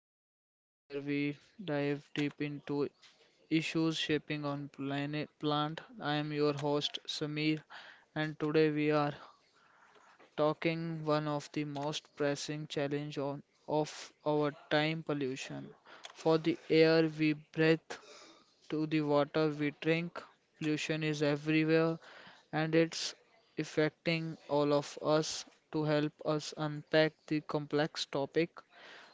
the podcast where we dive deep into issues shaping on planet plant. I am your host Samir, and today we are talking one of the most pressing challenge on of our time pollution. For the air we breathe, to the water we drink. Pollution is everywhere and it's affecting all of us. To help us unpack the complex topic,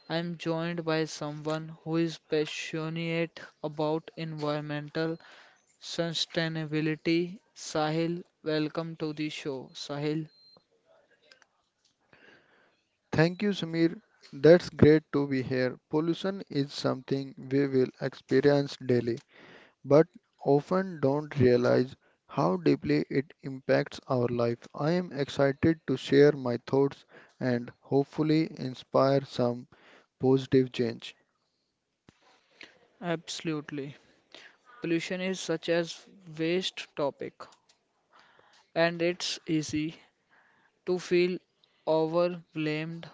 I am joined by someone who is passionate about environmental sustainability. Sahil, welcome to the show. Sahil, Thank you, Samir. That's great to be here. Pollution is something we will experience daily, but often don't realize how deeply it impacts our life. I am excited to share my thoughts and hopefully inspire some positive change. absolutely. Pollution is such a waste topic and it's easy to feel overwhelmed.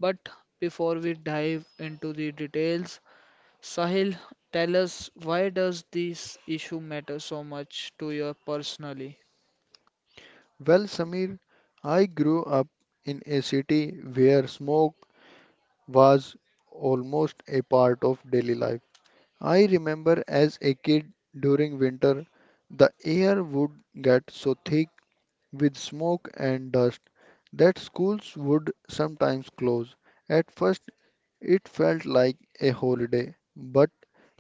But before we dive into the details, Sahil, tell us why does this issue matter so much to you personally? Well, Samir, I grew up in a city where smoke was almost a part of daily life. I remember as a kid during winter, the air would get so thick with smoke and dust that schools would sometimes close. At first, it felt like a holiday, but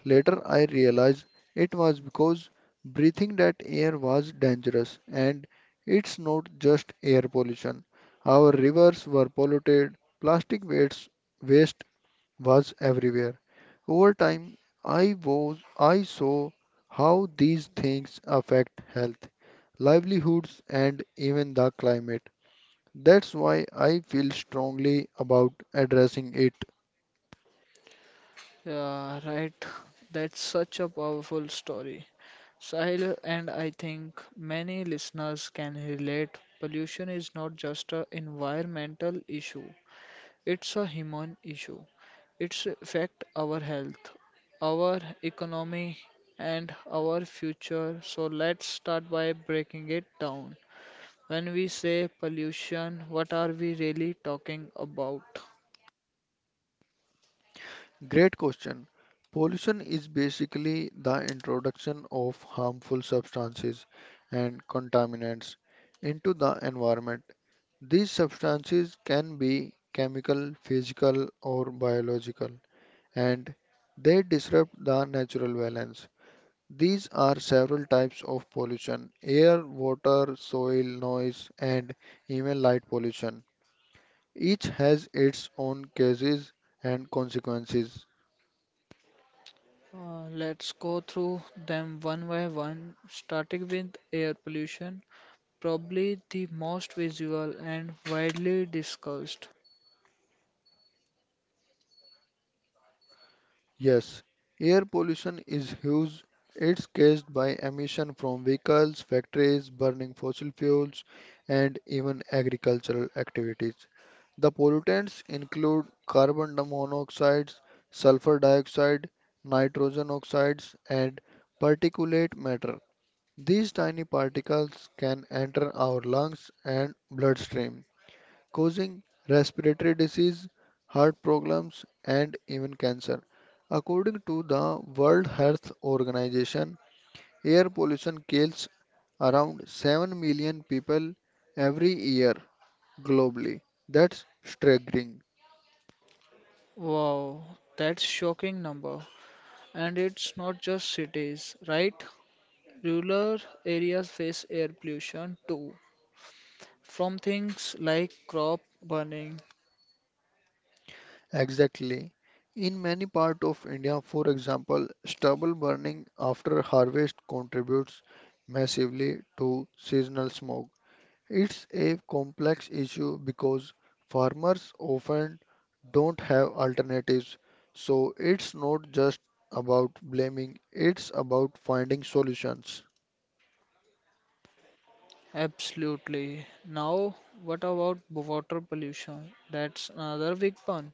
later I realized it was because breathing that air was dangerous, and it's not just air pollution. Our rivers were polluted, plastic waste, waste was everywhere. Over time, I saw how these things affect health, livelihoods, and even the climate. That's why I feel strongly about addressing it. Yeah, right. That's such a powerful story. Sahil, and I think many listeners can relate. Pollution is not just an environmental issue, it's a human issue. It's affect our health, our economy and our future. So let's start by breaking it down. When we say pollution, what are we really talking about? Great question. Pollution is basically the introduction of harmful substances and contaminants into the environment. These substances can be chemical, physical, or biological, and they disrupt the natural balance. These are several types of pollution: air, water, soil, noise, and even light pollution. Each has its own causes and consequences. Let's go through them one by one, starting with air pollution, probably the most visual and widely discussed. Yes, air pollution is huge. It's caused by emission from vehicles, factories, burning fossil fuels, and even agricultural activities. The pollutants include carbon monoxide, sulfur dioxide, nitrogen oxides, and particulate matter. These tiny particles can enter our lungs and bloodstream, causing respiratory disease, heart problems, and even cancer. According to the World Health Organization, air pollution kills around 7 million people every year globally. That's staggering. Wow, that's shocking number. And it's not just cities, right? Rural areas face air pollution too, from things like crop burning. Exactly. In many parts of India, for example, stubble burning after harvest contributes massively to seasonal smog. It's a complex issue because farmers often don't have alternatives. So it's not just about blaming, it's about finding solutions. Absolutely. Now, what about water pollution? That's another big one.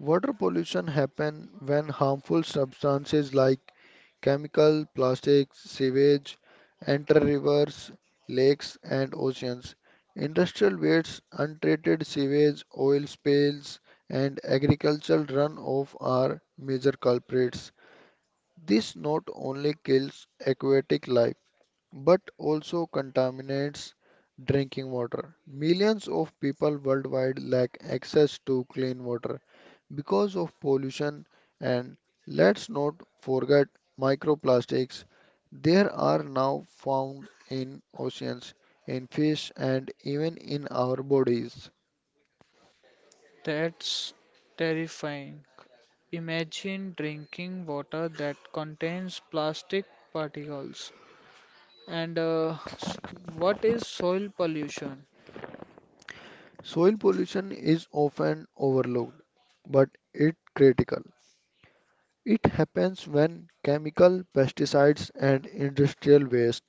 Water pollution happen when harmful substances like chemical, plastics, sewage enter rivers, lakes and oceans. Industrial wastes, untreated sewage, oil spills and agricultural runoff are major culprits. This not only kills aquatic life but also contaminates drinking water. Millions of people worldwide lack access to clean water because of pollution, and let's not forget microplastics. There are now found in oceans, in fish and even in our bodies. That's terrifying. Imagine drinking water that contains plastic particles. And uh, s- what is soil pollution? Soil pollution is often overlooked but it's critical. It happens when chemical pesticides and industrial waste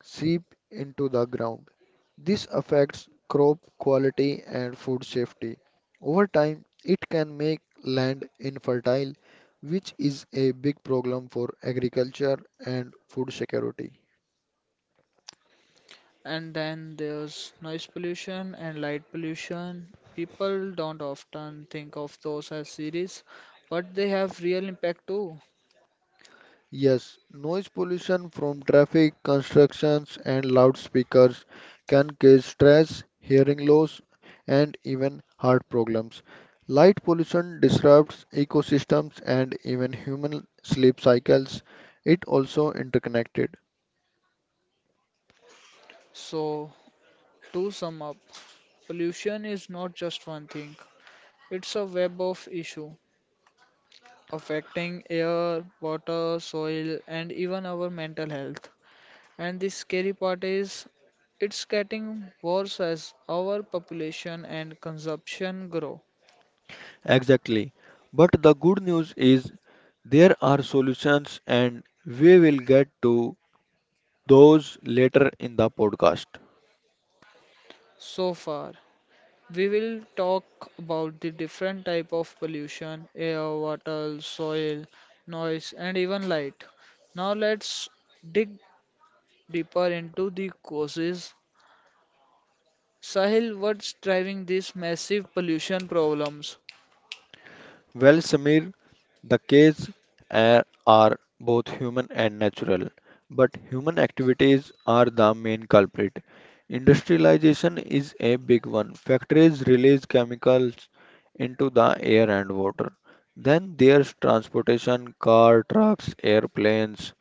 seep into the ground. This affects crop quality and food safety. Over time, it can make land infertile, which is a big problem for agriculture and food security. And then there's noise pollution and light pollution. People don't often think of those as serious, but they have real impact too. Yes, noise pollution from traffic, constructions, and loudspeakers can cause stress, hearing loss, and even heart problems. Light pollution disrupts ecosystems and even human sleep cycles. It also interconnected. So, to sum up, pollution is not just one thing. It's a web of issues affecting air, water, soil, and even our mental health. And the scary part is it's getting worse as our population and consumption grow. Exactly. But the good news is there are solutions and we will get to those later in the podcast. So far, we will talk about the different type of pollution, air, water, soil, noise and even light. Now let's dig deeper into the causes. Sahil, what's driving these massive pollution problems? Well, Samir, the caves are both human and natural, but human activities are the main culprit. Industrialization is a big one. Factories release chemicals into the air and water. Then there's transportation, car, trucks, airplanes,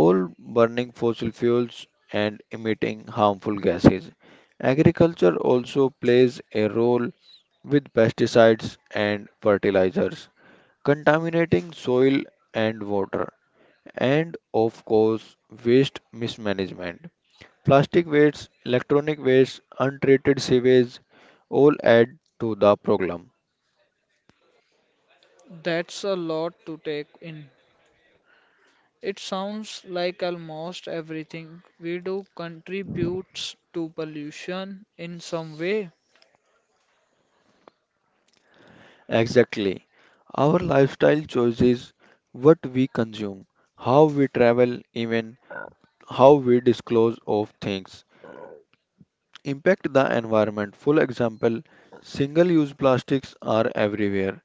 all burning fossil fuels and emitting harmful gases. Agriculture also plays a role with pesticides and fertilizers, contaminating soil and water, and of course, waste mismanagement. Plastic waste, electronic waste, untreated sewage all add to the problem. That's a lot to take in. It sounds like almost everything we do contributes to pollution in some way. Exactly. Our lifestyle choices, what we consume, how we travel, even how we disclose of things impact the environment. Full example, single-use plastics are everywhere.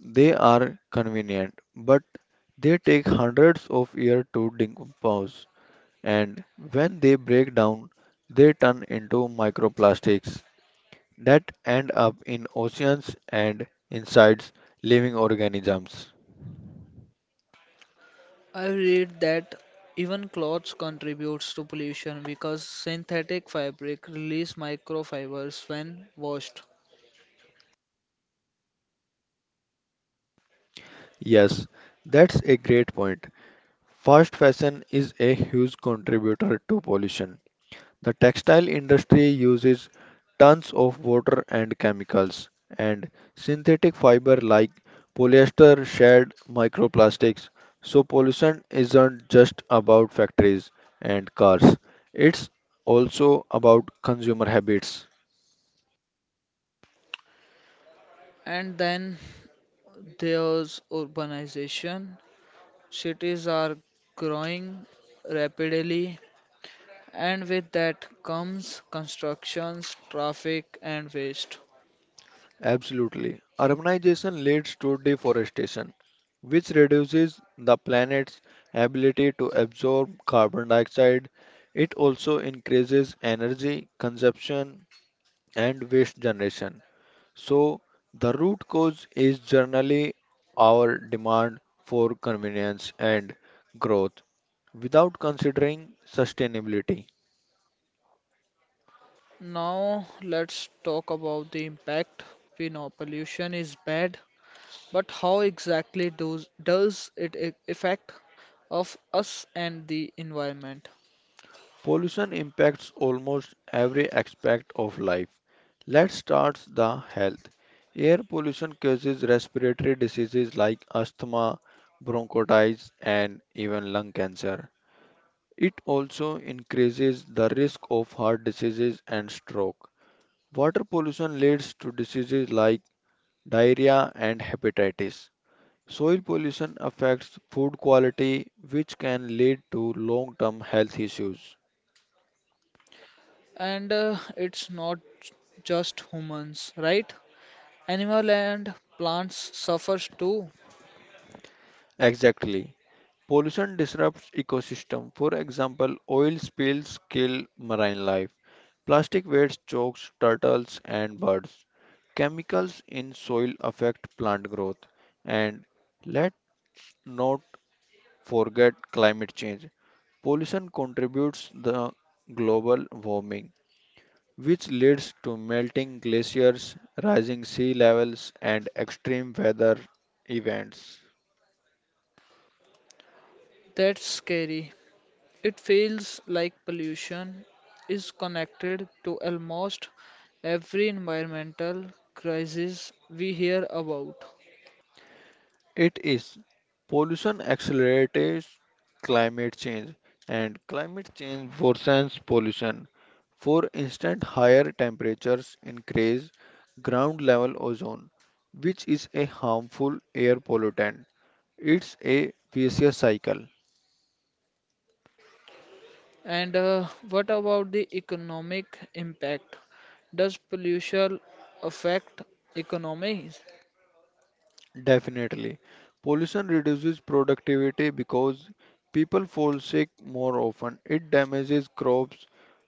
They are convenient, but they take hundreds of years to decompose, and when they break down, they turn into microplastics that end up in oceans and inside living organisms. I read that even clothes contributes to pollution because synthetic fabric release microfibers when washed. Yes, that's a great point. Fast fashion is a huge contributor to pollution. The textile industry uses tons of water and chemicals, and synthetic fiber like polyester shed microplastics. So, pollution isn't just about factories and cars, it's also about consumer habits. And then there's urbanization. Cities are growing rapidly and with that comes constructions, traffic and waste. Absolutely. Urbanization leads to deforestation, which reduces the planet's ability to absorb carbon dioxide. It also increases energy consumption and waste generation. So, the root cause is generally our demand for convenience and growth without considering sustainability. Now let's talk about the impact. We know pollution is bad, but how exactly does it affect of us and the environment? Pollution impacts almost every aspect of life. Let's start the health. Air pollution causes respiratory diseases like asthma, bronchitis, and even lung cancer. It also increases the risk of heart diseases and stroke. Water pollution leads to diseases like diarrhea and hepatitis. Soil pollution affects food quality, which can lead to long term health issues. And It's not just humans, right? Animal and plants suffers too. Exactly. Pollution disrupts ecosystem. For example, oil spills kill marine life. Plastic waste chokes turtles and birds. Chemicals in soil affect plant growth. And let's not forget climate change. Pollution contributes the global warming, which leads to melting glaciers, rising sea levels, and extreme weather events. That's scary. It feels like pollution is connected to almost every environmental crisis we hear about. It is pollution accelerates climate change, and climate change worsens pollution. For instance, higher temperatures increase ground level ozone, which is a harmful air pollutant. It's a vicious cycle, And What about the economic impact? Does pollution affect economies? definitely. Pollution reduces productivity because people fall sick more often. It damages crops,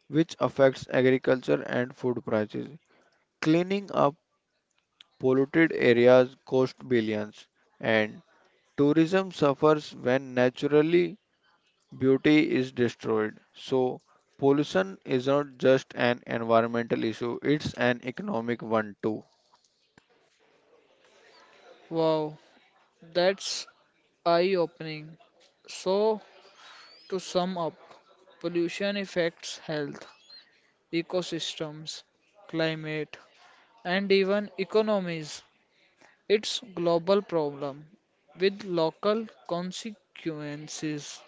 which affects agriculture and food prices. Cleaning up polluted areas costs billions, and tourism suffers when naturally beauty is destroyed. So, pollution is not just an environmental issue, it's an economic one too. Wow, that's eye-opening. So, to sum up, pollution affects health, ecosystems, climate, and even economies. It's global problem with local consequences.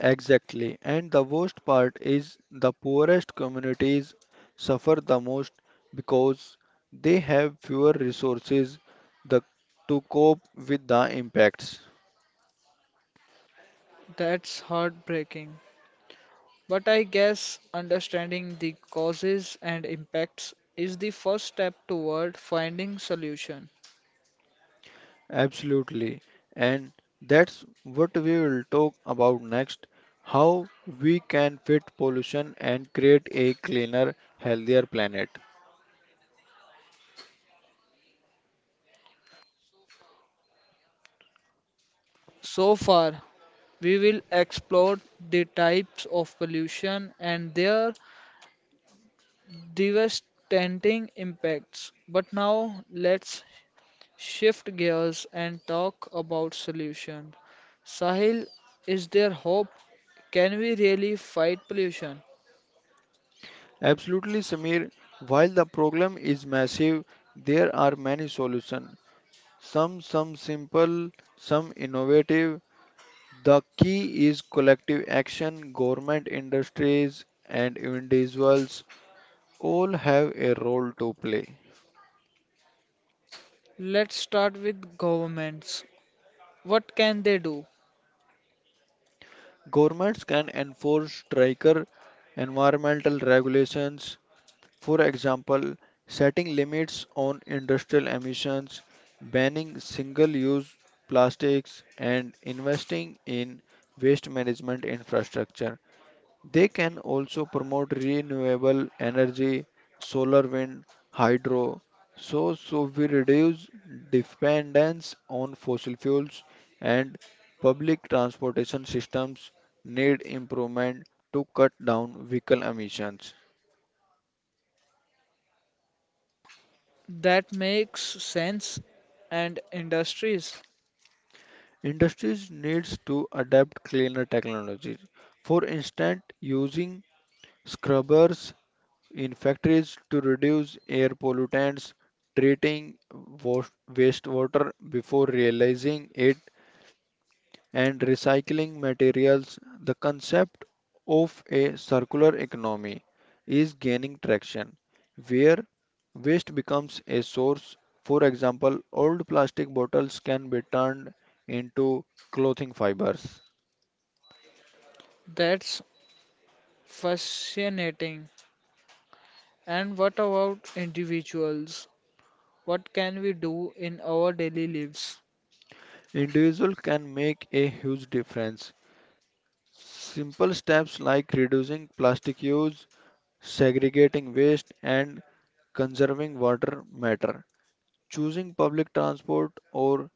Exactly. And the worst part is the poorest communities suffer the most because they have fewer resources the, to cope with the impacts. That's heartbreaking. But I guess understanding the causes and impacts is the first step toward finding solution. Absolutely. And that's what we will talk about next, how we can fit pollution and create a cleaner, healthier planet. So far, we will explore the types of pollution and their devastating impacts. But now let's shift gears and talk about solution. Sahil, is there hope? Can we really fight pollution? Absolutely, Samir. While the problem is massive, there are many solutions. Some simple, some innovative. The key is collective action. Government, industries, and individuals all have a role to play. Let's start with governments. What can they do? Governments can enforce stricter environmental regulations, for example, setting limits on industrial emissions, banning single-use plastics, and investing in waste management infrastructure. They can also promote renewable energy, solar, wind, hydro, so we reduce dependence on fossil fuels, and public transportation systems need improvement to cut down vehicle emissions. That makes sense. And industries, Industries needs to adapt cleaner technologies. For instance, using scrubbers in factories to reduce air pollutants, treating wa- wastewater before realizing it, and recycling materials. The concept of a circular economy is gaining traction, where waste becomes a source. For example, old plastic bottles can be turned into clothing fibers. that's fascinating. And what about individuals? What can we do in our daily lives? Individual can make a huge difference. Simple steps like reducing plastic use, segregating waste and conserving water matter. Choosing public transport or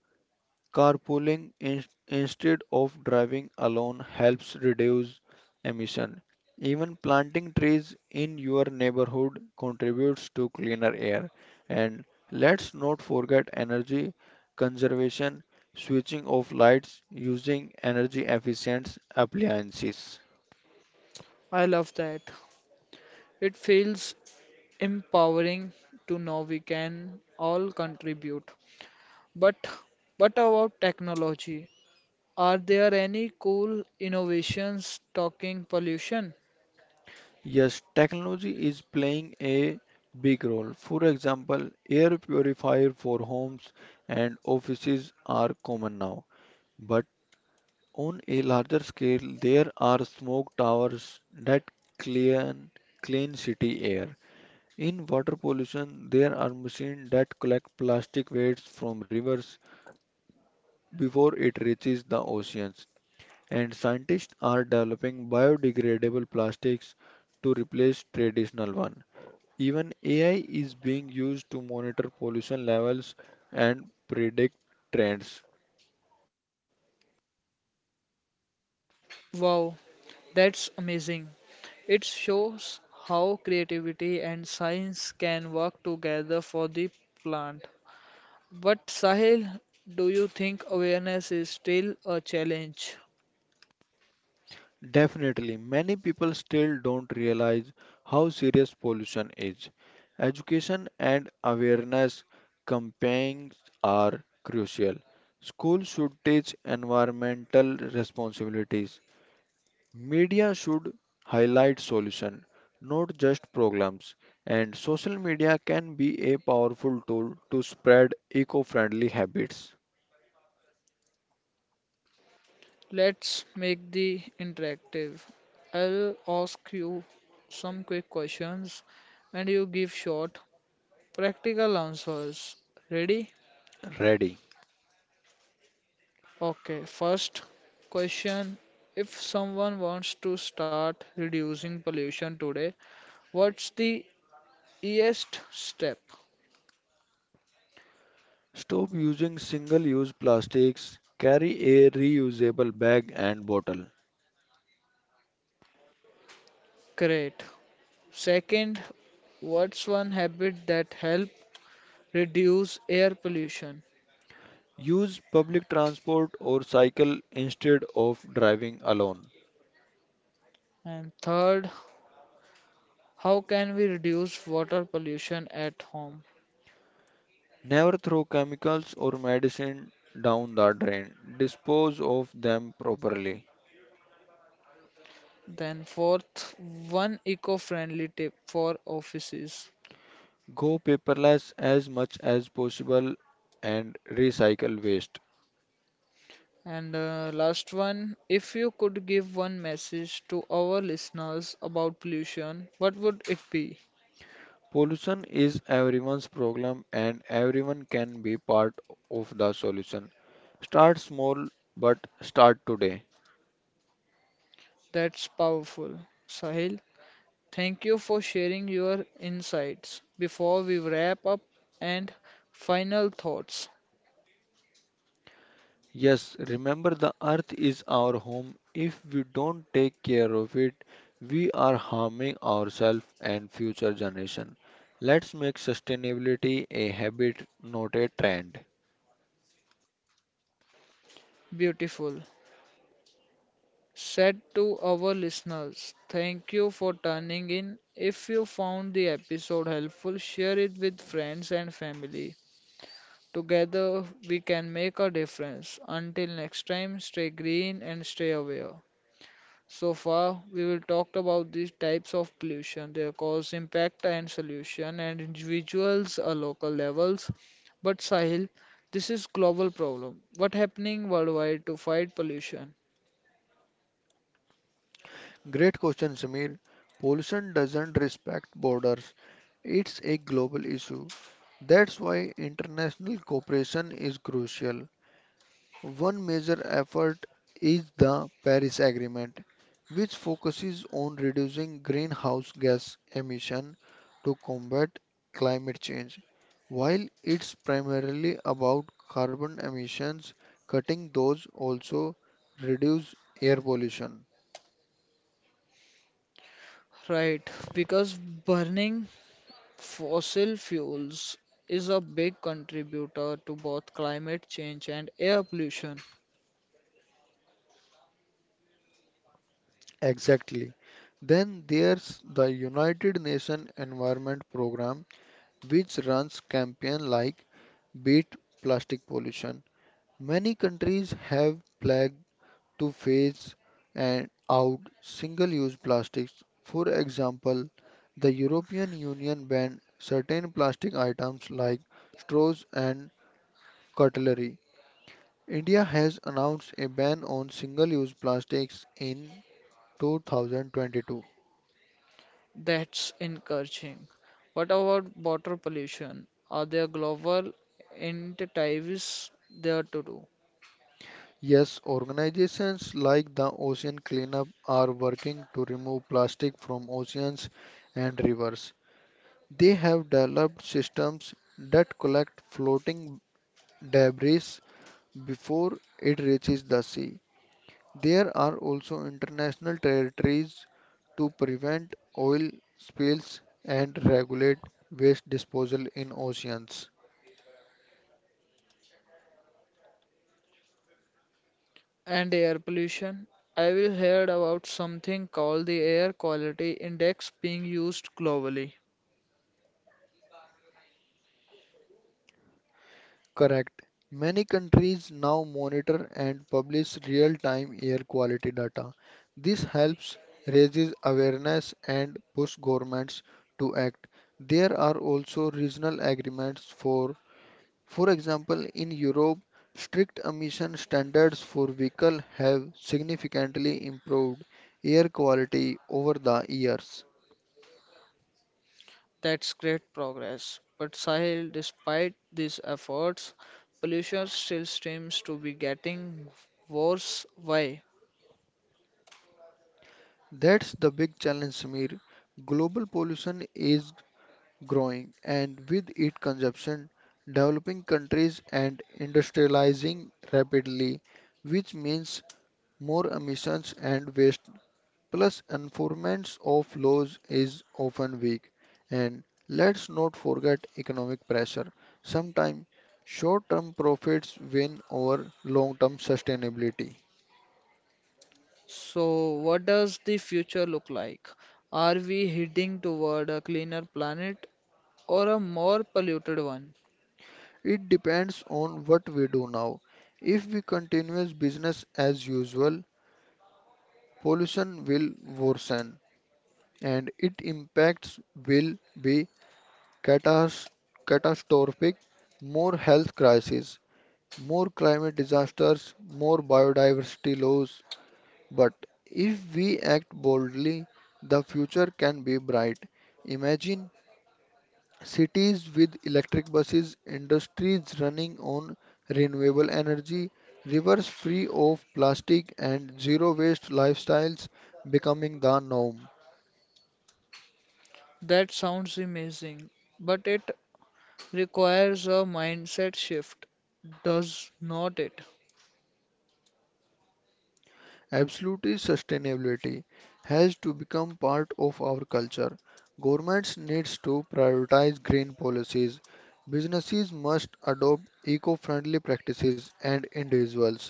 carpooling instead of driving alone helps reduce emission. Even planting trees in your neighborhood contributes to cleaner air. And let's not forget energy conservation, switching off lights, using energy efficient appliances. I love that. It feels empowering to know we can all contribute. But what about technology? Are there any cool innovations talking pollution? Yes, technology is playing a big role. For example, air purifier for homes and offices are common now. But on a larger scale, there are smoke towers that clean clean city air. In water pollution, there are machines that collect plastic waste from rivers before it reaches the oceans. And scientists are developing biodegradable plastics to replace traditional ones. Even AI is being used to monitor pollution levels and predict trends. Wow, that's amazing. It shows how creativity and science can work together for the plant. But Sahil, do you think awareness is still a challenge? Definitely, many people still don't realize how serious pollution is. Education and awareness campaigns are crucial. Schools should teach environmental responsibilities. Media should highlight solution, not just programs, and social media can be a powerful tool to spread eco-friendly habits. Let's make the interactive. I'll ask you some quick questions and you give short practical answers. Ready? Ready. Okay, first question. If someone wants to start reducing pollution today, what's the easiest step? Stop using single-use plastics, carry a reusable bag and bottle. Great. Second, what's one habit that help reduce air pollution? Use public transport or cycle instead of driving alone. And third, how can we reduce water pollution at home? Never throw chemicals or medicine down the drain. Dispose of them properly. Then fourth, one eco-friendly tip for offices. Go paperless as much as possible and recycle waste. And Last one, if you could give one message to our listeners about pollution, what would it be? Pollution is everyone's problem and everyone can be part of the solution. Start small but start today. That's powerful. Sahil? Thank you for sharing your insights. Before we wrap up and final thoughts, Yes, remember the earth is our home. If we don't take care of it, we are harming ourselves and future generation. Let's make sustainability a habit, not a trend. beautiful. Said to our listeners, thank you for tuning in. If you found the episode helpful, share it with friends and family. Together we can make a difference. Until next time, stay green and stay aware. So far, we will talk about these types of pollution, their cause, impact, and solution, and individuals or local levels. But Sahil, this is global problem. What happening worldwide to fight pollution? Great question, Samir. Pollution doesn't respect borders. It's a global issue. That's why international cooperation is crucial. One major effort is the Paris Agreement, which focuses on reducing greenhouse gas emission to combat climate change. While it's primarily about carbon emissions, cutting those also reduce air pollution. Right, because burning fossil fuels is a big contributor to both climate change and air pollution. Exactly. Then there's the United Nations Environment Program, which runs campaigns like Beat Plastic Pollution. Many countries have pledged to phase and out single-use plastics. For example, the European Union banned certain plastic items like straws and cutlery. India has announced a ban on single-use plastics in 2022. That's encouraging. What about water pollution? Are there global initiatives there to do? Yes, organizations like the Ocean Cleanup are working to remove plastic from oceans and rivers. They have developed systems that collect floating debris before it reaches the sea. There are also international territories to prevent oil spills and regulate waste disposal in oceans. And air pollution. I will heard about something called the Air Quality Index being used globally. Correct. Many countries now monitor and publish real-time air quality data. This helps raises awareness and push governments to act. There are also regional agreements, for example in Europe strict emission standards for vehicles have significantly improved air quality over the years. That's great progress. But Sahil, despite these efforts, pollution still seems to be getting worse. Why? That's the big challenge, Samir. Global pollution is growing, and with its consumption, developing countries and industrializing rapidly, which means more emissions and waste, plus enforcement of laws is often weak. And let's not forget economic pressure. Sometimes short-term profits win over long-term sustainability. So, what does the future look like? Are we heading toward a cleaner planet or a more polluted one? It depends on what we do now. If we continue business as usual, pollution will worsen and its impacts will be catas- catastrophic. More health crises, more climate disasters, more biodiversity loss. But if we act boldly, the future can be bright. Imagine cities with electric buses, industries running on renewable energy, rivers free of plastic, and zero waste lifestyles becoming the norm. That sounds amazing, but it requires a mindset shift, does not it? Absolutely, sustainability has to become part of our culture. Governments needs to prioritize green policies. Businesses must adopt eco-friendly practices and individuals.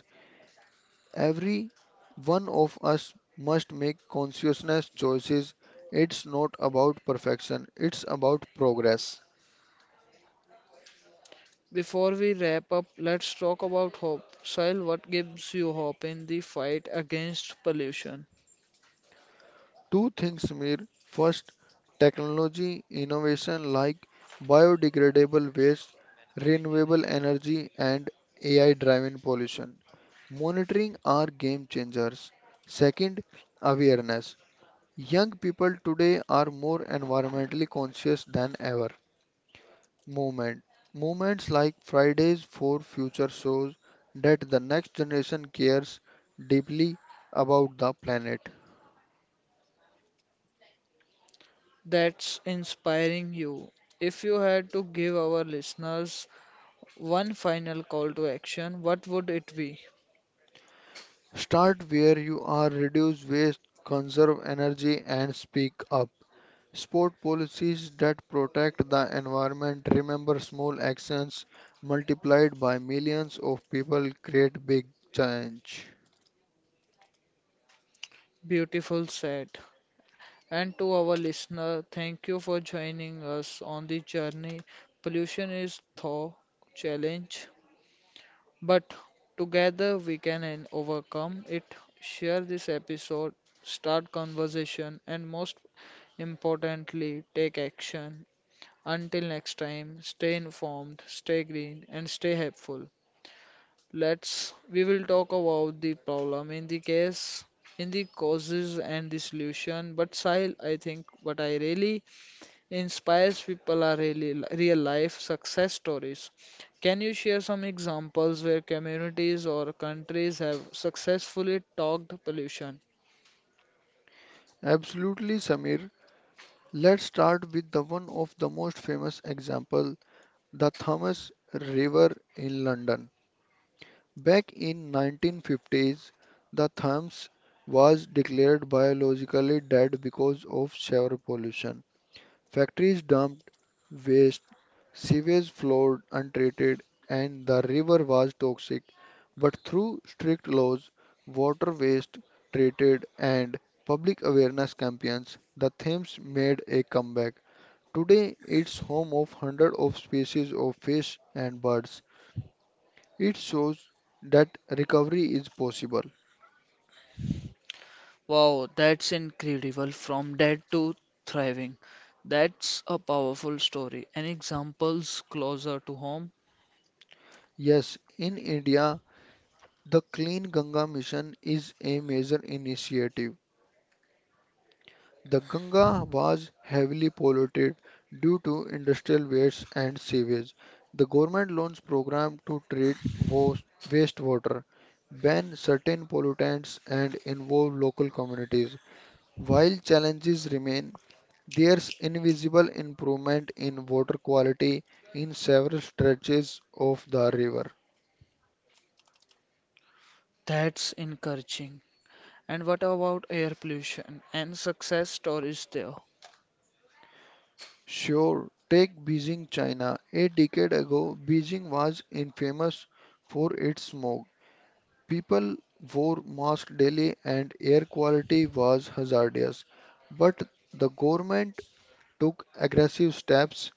Every one of us must make conscious choices. It's not about perfection, it's about progress. Before we wrap up, let's talk about hope. Sahil, what gives you hope in the fight against pollution Two things, Samir. First, technology innovation like biodegradable waste, renewable energy, and AI driven pollution. Monitoring are game changers. Second, awareness. Young people today are more environmentally conscious than ever. Movement. Movements like Fridays for Future shows that the next generation cares deeply about the planet. that's inspiring you? If you had to give our listeners one final call to action, what would it be? Start where you are, reduce waste, conserve energy, and speak up. Support policies that protect the environment. Remember, small actions multiplied by millions of people create big change. Beautiful said. And to our listener, thank you for joining us on the journey. Pollution is thaw challenge but together we can and overcome it. Share this episode, start conversation, and most importantly, take action. Until next time, stay informed, stay green, and stay helpful. Let's we will talk about the problem in the case, in the causes and the solution. But Sahil, I think what I really inspires people are really real life success stories. Can you share some examples where communities or countries have successfully talked pollution? Absolutely, Samir. Let's start with the one of the most famous example, the Thames River in London. Back in 1950s, the therms was declared biologically dead because of sewer pollution. Factories dumped waste, sewage flowed untreated, and the river was toxic. But through strict laws, water waste treated, and public awareness campaigns, the Thames made a comeback. Today, it's home of hundreds of species of fish and birds. It shows that recovery is possible. Wow, that's incredible. From dead to thriving. That's a powerful story. And examples closer to home? Yes, in India, the Clean Ganga Mission is a major initiative. The Ganga was heavily polluted due to industrial waste and sewage. The government launched program to treat wastewater, ban certain pollutants and involve local communities. While challenges remain, there's invisible improvement in water quality in several stretches of the river. That's encouraging. And what about air pollution and success stories there? Sure, take Beijing, China. A decade ago, Beijing was infamous for its smoke. People wore masks daily and air quality was hazardous. But the government took aggressive steps,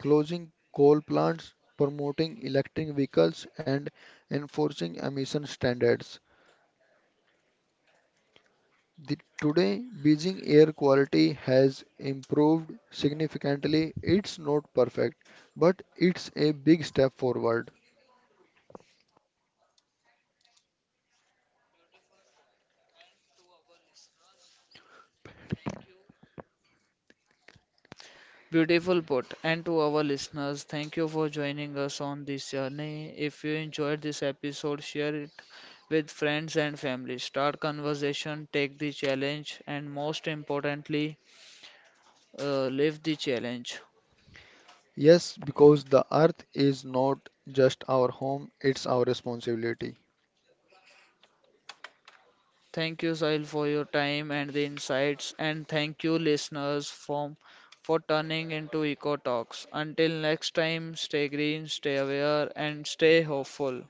closing coal plants, promoting electric vehicles, and enforcing emission standards. The, today, Beijing air quality has improved significantly. It's not perfect, but it's a big step forward. Beautiful put. And to our listeners, thank you for joining us on this journey. If you enjoyed this episode, share it with friends and family. Start conversation, take the challenge, and most importantly, live the challenge. Yes, because the earth is not just our home, it's our responsibility. Thank you, Sahil, for your time and the insights, and thank you, listeners, for turning into Eco Talks. Until next time, stay green, stay aware, and stay hopeful.